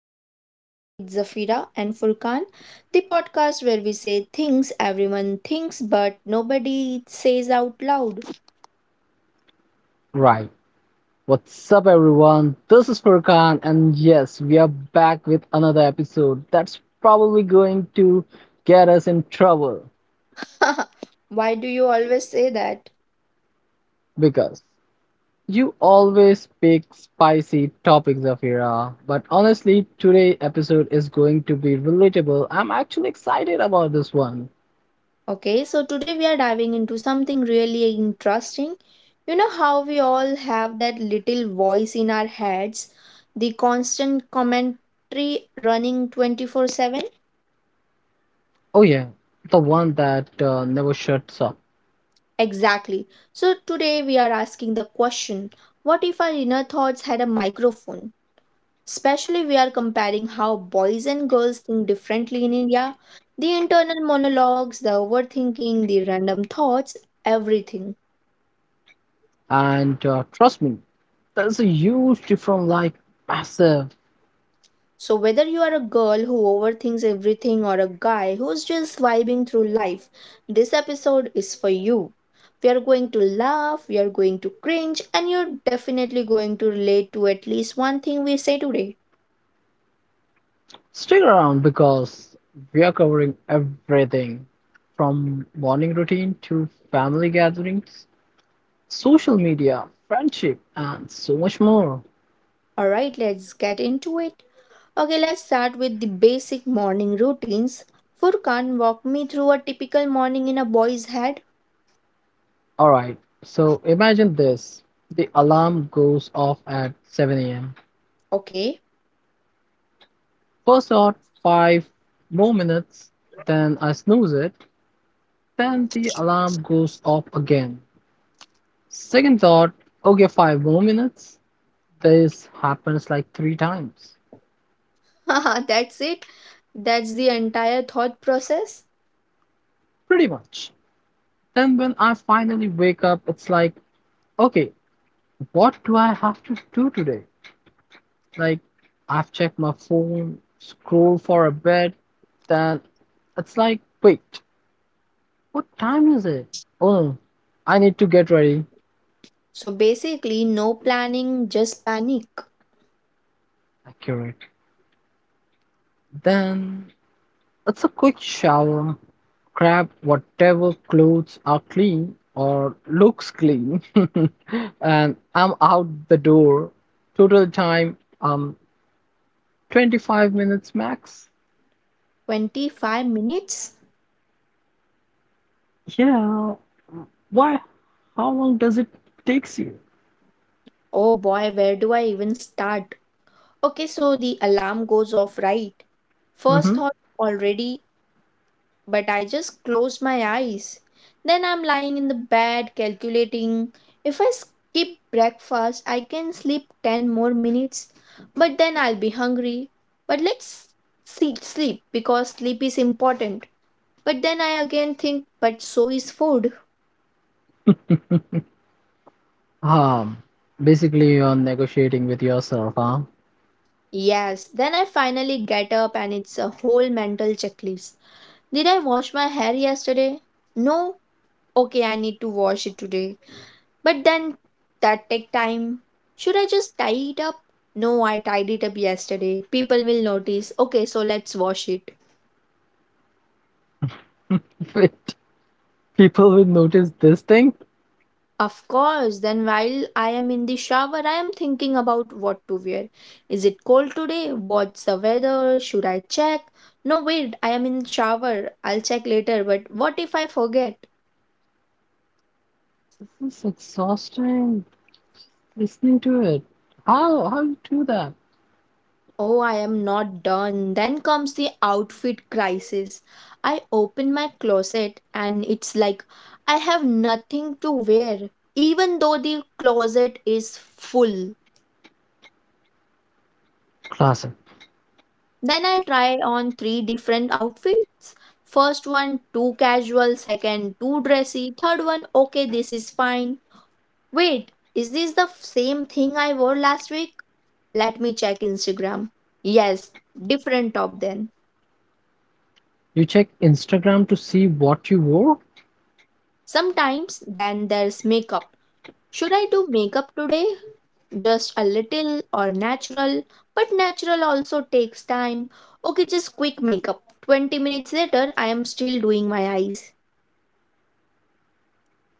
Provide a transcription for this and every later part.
of Real Talk with Zafira and Furkan, the podcast where we say things everyone thinks but nobody says out loud. Right. What's up, everyone? This is Furkan, and yes, we are back with another episode that's probably going to get us in trouble Why do you always say that? because you always pick spicy topics, Zafira. But honestly, today's episode is going to be relatable. I'm actually excited about this one. Okay, so today we are diving into something really interesting. You know how we all have that little voice in our heads, the constant commentary running 24/7? Oh, yeah, the one that never shuts up. Exactly. So today we are asking the question, what if our inner thoughts had a microphone? Especially, we are comparing how boys and girls think differently in India, the internal monologues, the overthinking, the random thoughts, everything. And trust me, there's a huge difference, like massive. So, whether you are a girl who overthinks everything or a guy who's just vibing through life, this episode is for you. We are going to laugh, we are going to cringe, and you're definitely going to relate to at least one thing we say today. Stick around because we are covering everything from morning routine to family gatherings, social media, friendship, and so much more. All right, let's get into it. Okay, let's start with the basic morning routines. Furkan, walk me through a typical morning in a boy's head. Alright, so imagine this, the alarm goes off at 7 am. Okay, First thought: five more minutes, then I snooze it, then the alarm goes off again. Second thought, okay, five more minutes. This happens like three times, haha, that's it. That's the entire thought process. pretty much. Then when I finally wake up, it's like, okay, what do I have to do today? Like, I've checked my phone, scroll for a bit, then it's like, wait, what time is it? Oh, I need to get ready. So basically, no planning, just panic. Accurate. Then it's a quick shower, grab whatever clothes are clean or looks clean, and I'm out the door. Total time, 25 minutes max. 25 minutes? Yeah. Why? How long does it takes you? Oh boy, where do I even start? Okay, so the alarm goes off, right? First Mm-hmm. thought, already, but I just closed my eyes. Then I'm lying in the bed calculating, if I skip breakfast, I can sleep 10 more minutes, but then I'll be hungry. But let's see, sleep, because sleep is important. But then I again think, but so is food. Um, Basically, you're negotiating with yourself, huh? Yes, then I finally get up and it's a whole mental checklist. Did I wash my hair yesterday? No? Okay, I need to wash it today. But then that take time. Should I just tie it up? No, I tied it up yesterday. People will notice. Okay, so let's wash it. Wait, people will notice this thing. Of course, then while I am in the shower, I am thinking about what to wear. Is it cold today? What's the weather? Should I check? No, wait, I am in shower. I'll check later, but what if I forget? This is exhausting. Just listening to it. How you do that? Oh, I am not done. Then comes the outfit crisis. I open my closet and it's like, I have nothing to wear, even though the closet is full. Classic. Then I try on three different outfits. First one, too casual. Second, too dressy. Third one, okay, this is fine. Wait, is this the same thing I wore last week? Let me check Instagram. Yes, different top then. You check Instagram to see what you wore. Sometimes then there's makeup. Should I do makeup today? Just a little or natural? But natural also takes time. Okay, just quick makeup. 20 minutes later, I am still doing my eyes.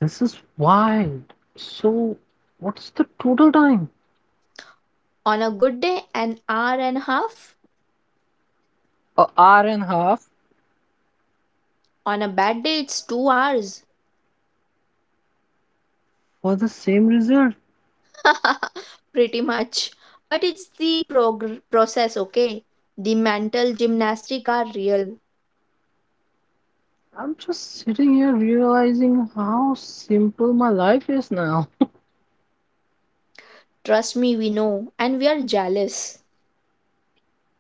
This is wild. So, what's the total time? On a good day, an hour and a half. An hour and a half On a bad day, it's 2 hours. for the same result. Pretty much. But it's the process, okay? The mental gymnastics are real. I'm just sitting here realizing how simple my life is now. Trust me, we know. And we are jealous.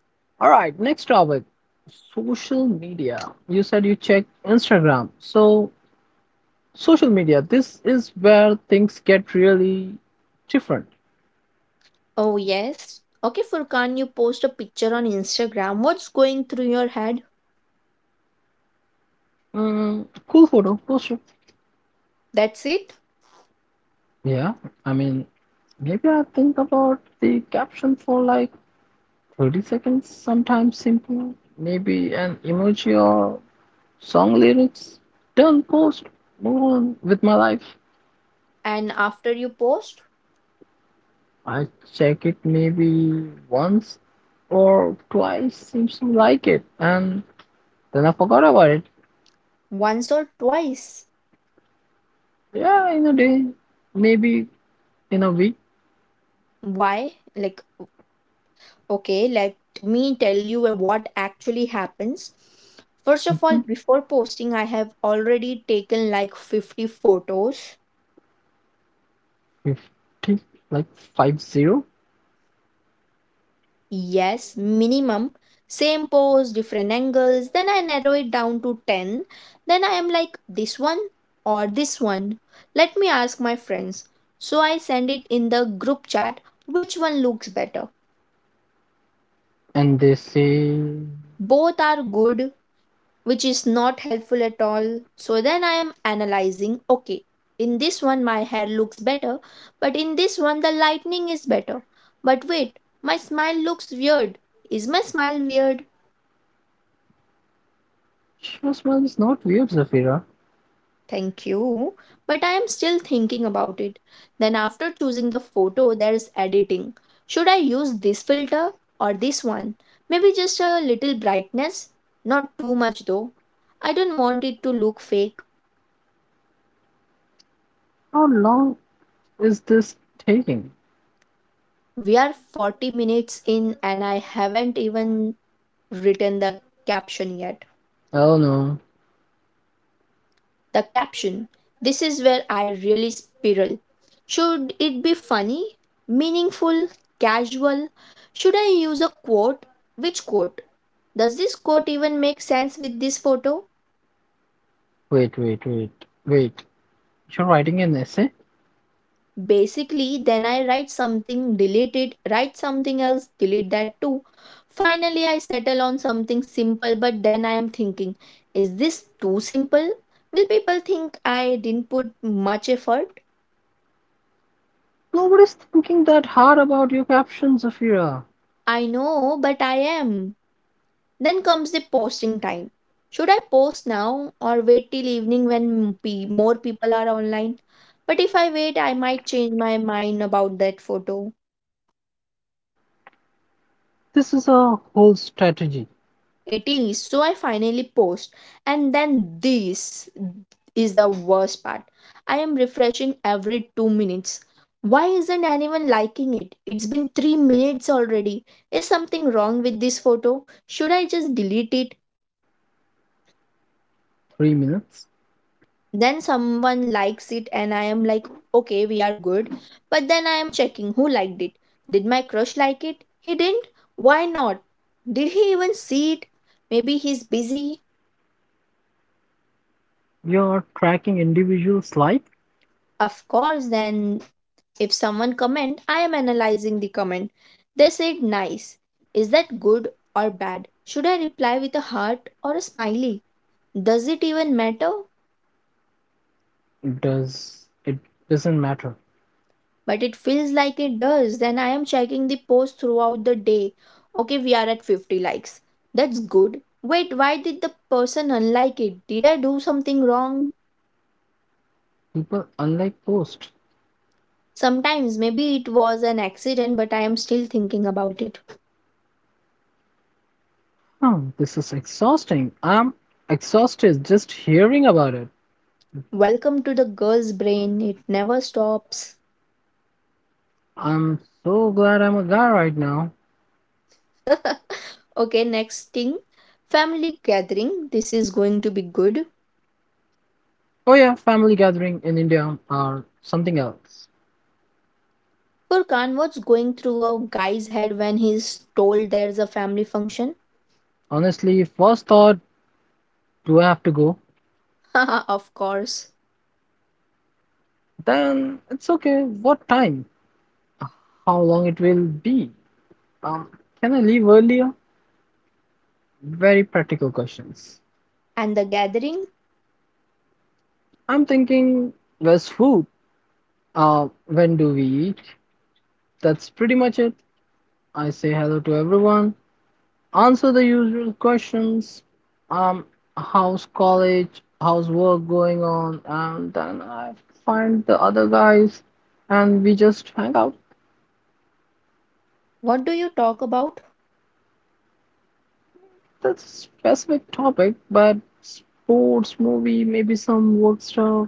All right, next topic, social media. You said you check Instagram. So, social media, this is where things get really different. Oh, yes. Okay, Furkan, you post a picture on Instagram. What's going through your head? Mm, cool photo, post it. That's it. Yeah, I mean, maybe I think about the caption for like 30 seconds, sometimes simple. Maybe an emoji or song lyrics. Done, post, move on with my life. And after you post, I check it maybe once or twice, seems to like it, and then I forgot about it. once or twice. Yeah, in a day, maybe in a week, Why? Like, okay, let me tell you what actually happens. First of all, mhm, before posting, I have already taken like 50 photos. 50, like 50. Yes, minimum. Same pose, different angles. Then I narrow it down to 10. Then I am like, this one or this one. Let me ask my friends. So I send it in the group chat, which one looks better. And they say, Both are good, which is not helpful at all. So then I am analyzing, okay, in this one my hair looks better, but in this one the lightning is better. But wait, my smile looks weird. Is my smile weird? "Your smile is not weird, Zafira." Thank you. But I am still thinking about it. Then, after choosing the photo, there's editing. Should I use this filter or this one? Maybe just a little brightness? Not too much though. I don't want it to look fake. How long is this taking? We are 40 minutes in and I haven't even written the caption yet. Oh no, The caption, this is where I really spiral. Should it be funny, meaningful, casual? Should I use a quote? Which quote? Does this quote even make sense with this photo? wait. You're writing an essay? Basically, then I write something, delete it, write something else, delete that too. Finally, I settle on something simple, but then I am thinking, is this too simple? Will people think I didn't put much effort? Nobody's thinking that hard about your caption, Zafira. I know, but I am. Then comes the posting time. Should I post now or wait till evening when more people are online? But if I wait, I might change my mind about that photo. This is a whole strategy. It is, so I finally post. And then this is the worst part. I am refreshing every 2 minutes. Why isn't anyone liking it? It's been 3 minutes already. Is something wrong with this photo? Should I just delete it? 3 minutes, Then someone likes it and I am like, okay, we are good. But then I am checking who liked it. Did my crush like it? He didn't. Why not? Did he even see it? Maybe he's busy. you are tracking individuals like Of course, then if someone comment, I am analyzing the comment. They said nice. Is that good or bad? Should I reply with a heart or a smiley? Does it even matter? it does it doesn't matter. But it feels like it does. Then I am checking the post throughout the day. Okay, we are at 50 likes. That's good. Wait, why did the person unlike it? Did I do something wrong? People unlike post. Sometimes maybe it was an accident, but I am still thinking about it. Huh, this is exhausting. I'm exhausted just hearing about it. Welcome to the girl's brain, it never stops. I'm so glad I'm a guy right now. Okay, next thing, family gathering. This is going to be good. Oh yeah, family gathering in India or something else. Furkan, what's going through a guy's head when he's told there's a family function? Honestly, first thought, do I have to go? Of course. Then it's okay. What time? How long it will be? Um, can I leave earlier? Very practical questions. And the gathering? I'm thinking West food. When do we eat? That's pretty much it. I say hello to everyone, answer the usual questions. Um, How's college? How's work going on? And then I find the other guys, and we just hang out. What do you talk about? That's a specific topic, but sports, movie, maybe some work stuff.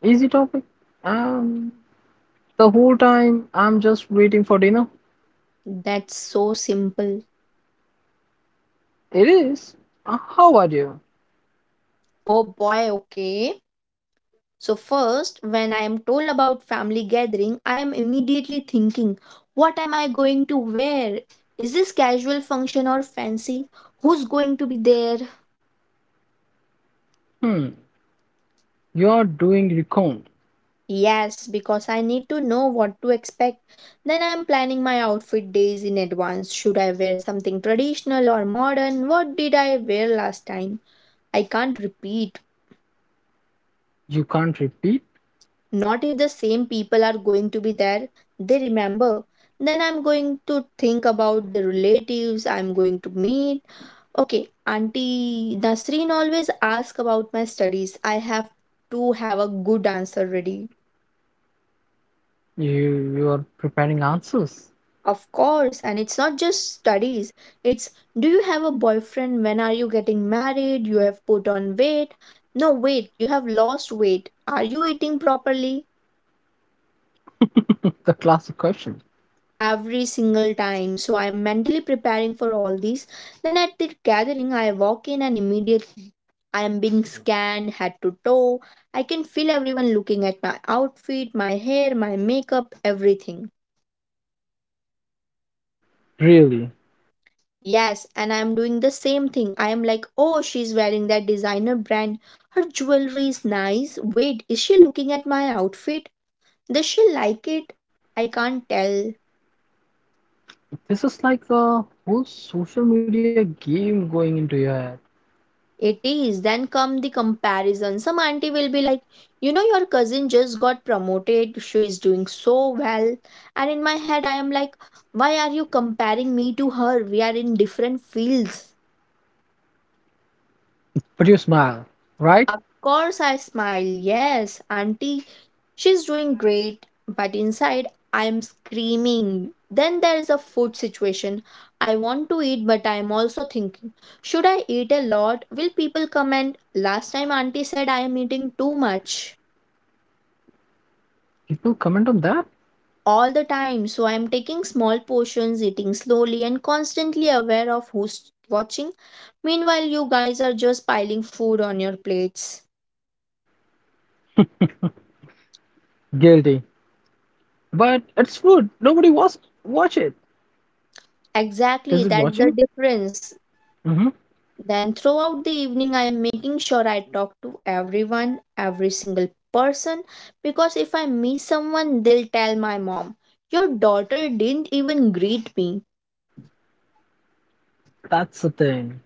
Easy topic. And the whole time I'm just waiting for dinner. That's so simple. It is. How are you? Oh boy, okay. So, first, when I am told about family gathering, I am immediately thinking, what am I going to wear? Is this casual function or fancy? Who's going to be there? Hmm. You are doing recount. Yes, because I need to know what to expect. Then I am planning my outfit days in advance. Should I wear something traditional or modern? What did I wear last time? I can't repeat. You can't repeat. Not if the same people are going to be there, they remember. Then I'm going to think about the relatives I'm going to meet. Okay, Auntie Nasreen always asks about my studies. I have to have a good answer ready. You are preparing answers. Of course, and it's not just studies. It's, do you have a boyfriend? When are you getting married? You have put on weight. No, wait, you have lost weight. Are you eating properly? The classic question. Every single time, so I'm mentally preparing for all these. Then at the gathering I walk in and immediately I am being scanned head to toe. I can feel everyone looking at my outfit, my hair, my makeup, everything. Really, Yes, and I am doing the same thing. I am like, oh, she's wearing that designer brand, her jewelry is nice. Wait, is she looking at my outfit? Does she like it? I can't tell. this is like a whole social media game going into your head. It is. Then come the comparison. Some auntie will be like, you know, your cousin just got promoted. She is doing so well. And in my head, I am like, why are you comparing me to her? We are in different fields. But you smile, right? Of course, I smile. Yes, Auntie, she's doing great, but inside I'm screaming. Then there's a food situation. I want to eat, but I'm also thinking, should I eat a lot? Will people comment? Last time, Auntie said I am eating too much People comment on that. all the time, so I'm taking small portions, eating slowly, and constantly aware of who's watching. Meanwhile, you guys are just piling food on your plates. Guilty. But it's food. Nobody was watch it. Is Exactly, it that's the watching? difference. Mm-hmm. Then, throughout the evening, I am making sure I talk to everyone, every single person, because if I miss someone, they'll tell my mom, your daughter didn't even greet me. That's the thing.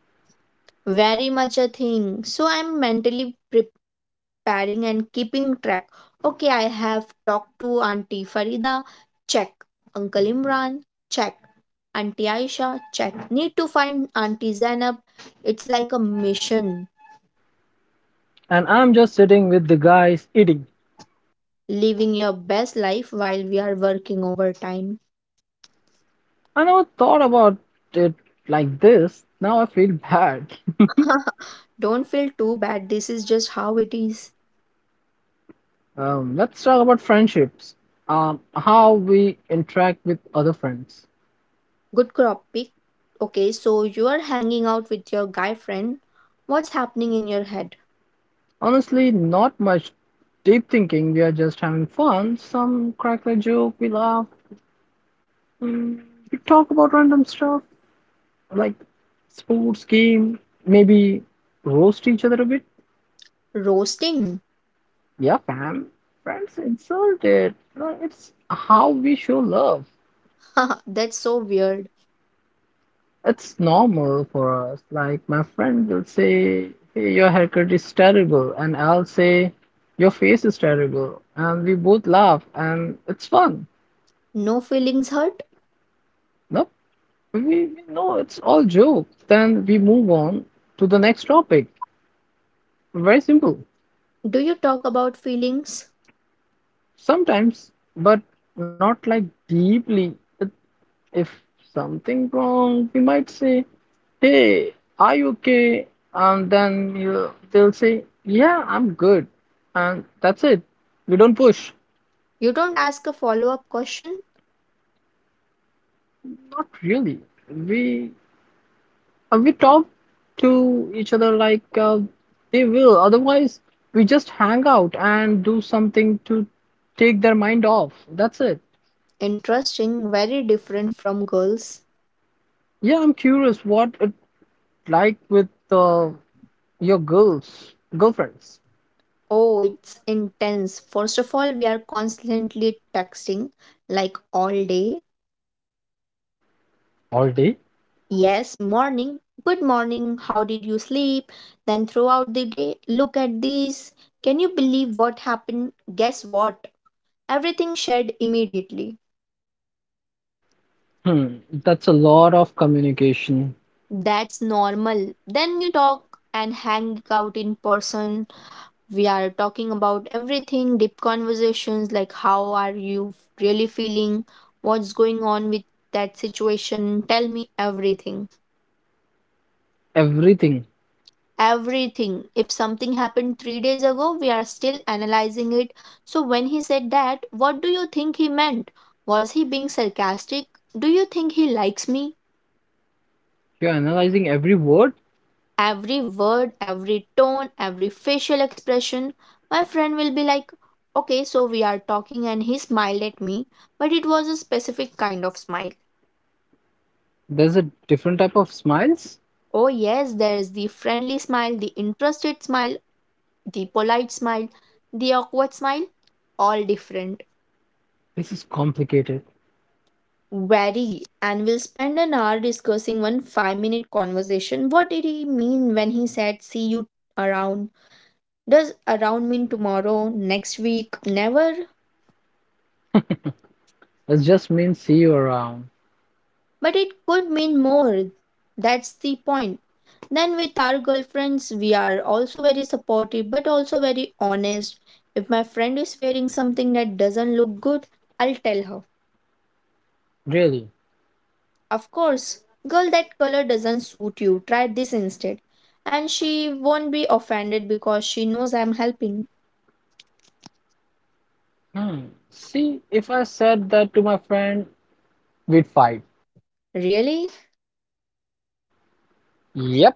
Very much a thing. So, I'm mentally preparing and keeping track. Okay, I have talked to Auntie Farida, check. Uncle Imran, check. Auntie Aisha, check. Need to find Auntie Zainab. It's like a mission. And I'm just sitting with the guys eating. Living your best life while we are working overtime. I never thought about it like this. Now I feel bad. Don't feel too bad. This is just how it is. Let's talk about friendships. How we interact with other friends. Good crop pick. Okay, so you are hanging out with your guy friend. What's happening in your head? Honestly, not much deep thinking. We are just having fun. Some crack a joke. We laugh. Mm, we talk about random stuff like sports, game. Maybe roast each other a bit. Roasting. Yeah, fam. Friends insulted. It's how we show love. That's so weird. It's normal for us. Like my friend will say, "Hey, your haircut is terrible," and I'll say, "Your face is terrible," and we both laugh, and it's fun. No feelings hurt? Nope, we know it's all jokes. Then we move on to the next topic. Very simple. Do you talk about feelings? Sometimes, but not like deeply. If if something wrong, we might say, hey, are you okay? And then you they'll say, yeah, I'm good. And that's it. We don't push. You don't ask a follow up question? Not really. We we talk to each other like they will. Otherwise, we just hang out and do something to take their mind off. That's it. Interesting, very different from girls. Yeah, I'm curious what it like with your girlfriends. Oh, it's intense. First of all, we are constantly texting like all day. All day? Yes, morning. Good morning. How did you sleep? Then throughout the day, look at this. Can you believe what happened? Guess what? Everything shed immediately. Hmm, that's a lot of communication. That's normal. Then we talk and hang out in person. We are talking about everything, deep conversations like, how are you really feeling? What's going on with that situation? Tell me everything. Everything. Everything. If something happened 3 days ago, we are still analyzing it. So, when he said that, what do you think he meant? Was he being sarcastic? Do you think he likes me? If you're analyzing every word, Every word, every tone, every facial expression, my friend will be like, okay, so we are talking, and he smiled at me, but it was a specific kind of smile. there's a different type of smiles. Oh, yes, there is the friendly smile, the interested smile, the polite smile, the awkward smile, all different. This is complicated. Very, and we'll spend an hour discussing one 5-minute conversation. What did he mean when he said, see you around? Does around mean tomorrow, next week, never? It just means see you around. But it could mean more. That's the point. Then, with our girlfriends, we are also very supportive but also very honest. If my friend is wearing something that doesn't look good, I'll tell her. Really? Of course, girl, that color doesn't suit you. Try this instead. And she won't be offended because she knows I'm helping. Hmm. See, if I said that to my friend, we'd fight. Really? Yep.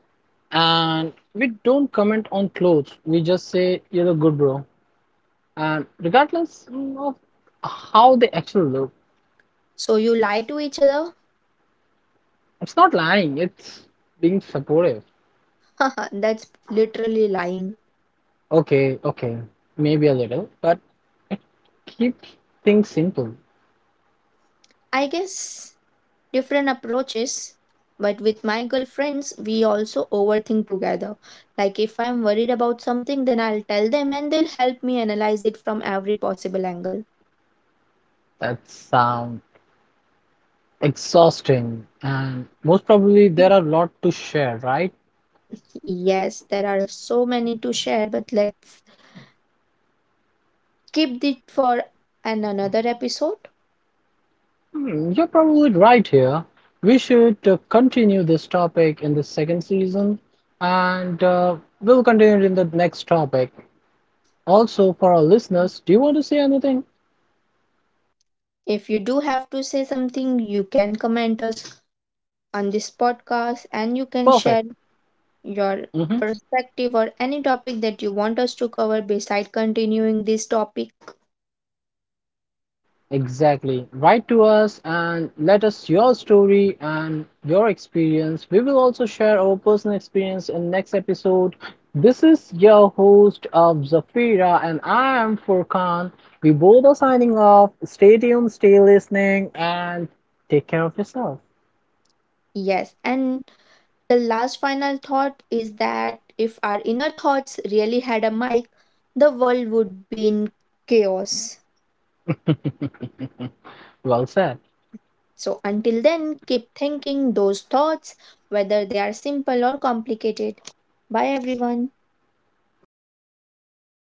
And we don't comment on clothes. We just say, you look good, bro. And regardless of how they actually look, So you lie to each other? it's not lying, it's being supportive. That's literally lying. Okay, okay, maybe a little, but keep things simple. I guess different approaches. But with my girlfriends, we also overthink together. Like if I'm worried about something, then I'll tell them and they'll help me analyze it from every possible angle. That sounds. Exhausting, and most probably It, there are a lot to share, right? Yes, there are so many to share, but let's keep it for an another episode. Hmm, you're probably right here. We should continue this topic in the second season, and we'll continue it in the next topic. Also, for our listeners, do you want to say anything? If you do have to say something, you can comment us on this podcast and you can share Perfect. your Hmm. perspective or any topic that you want us to cover beside continuing this topic. Exactly. Write to us and let us your story and your experience. We will also share our personal experience in next episode. This is your host of Zafira and I am Furkan. We both are signing off. Stay tuned, stay listening and take care of yourself. Yes, and the last final thought is that if our inner thoughts really had a mic, the world would be in chaos. Well said. So until then, keep thinking those thoughts, whether they are simple or complicated. Bye, everyone. Adios.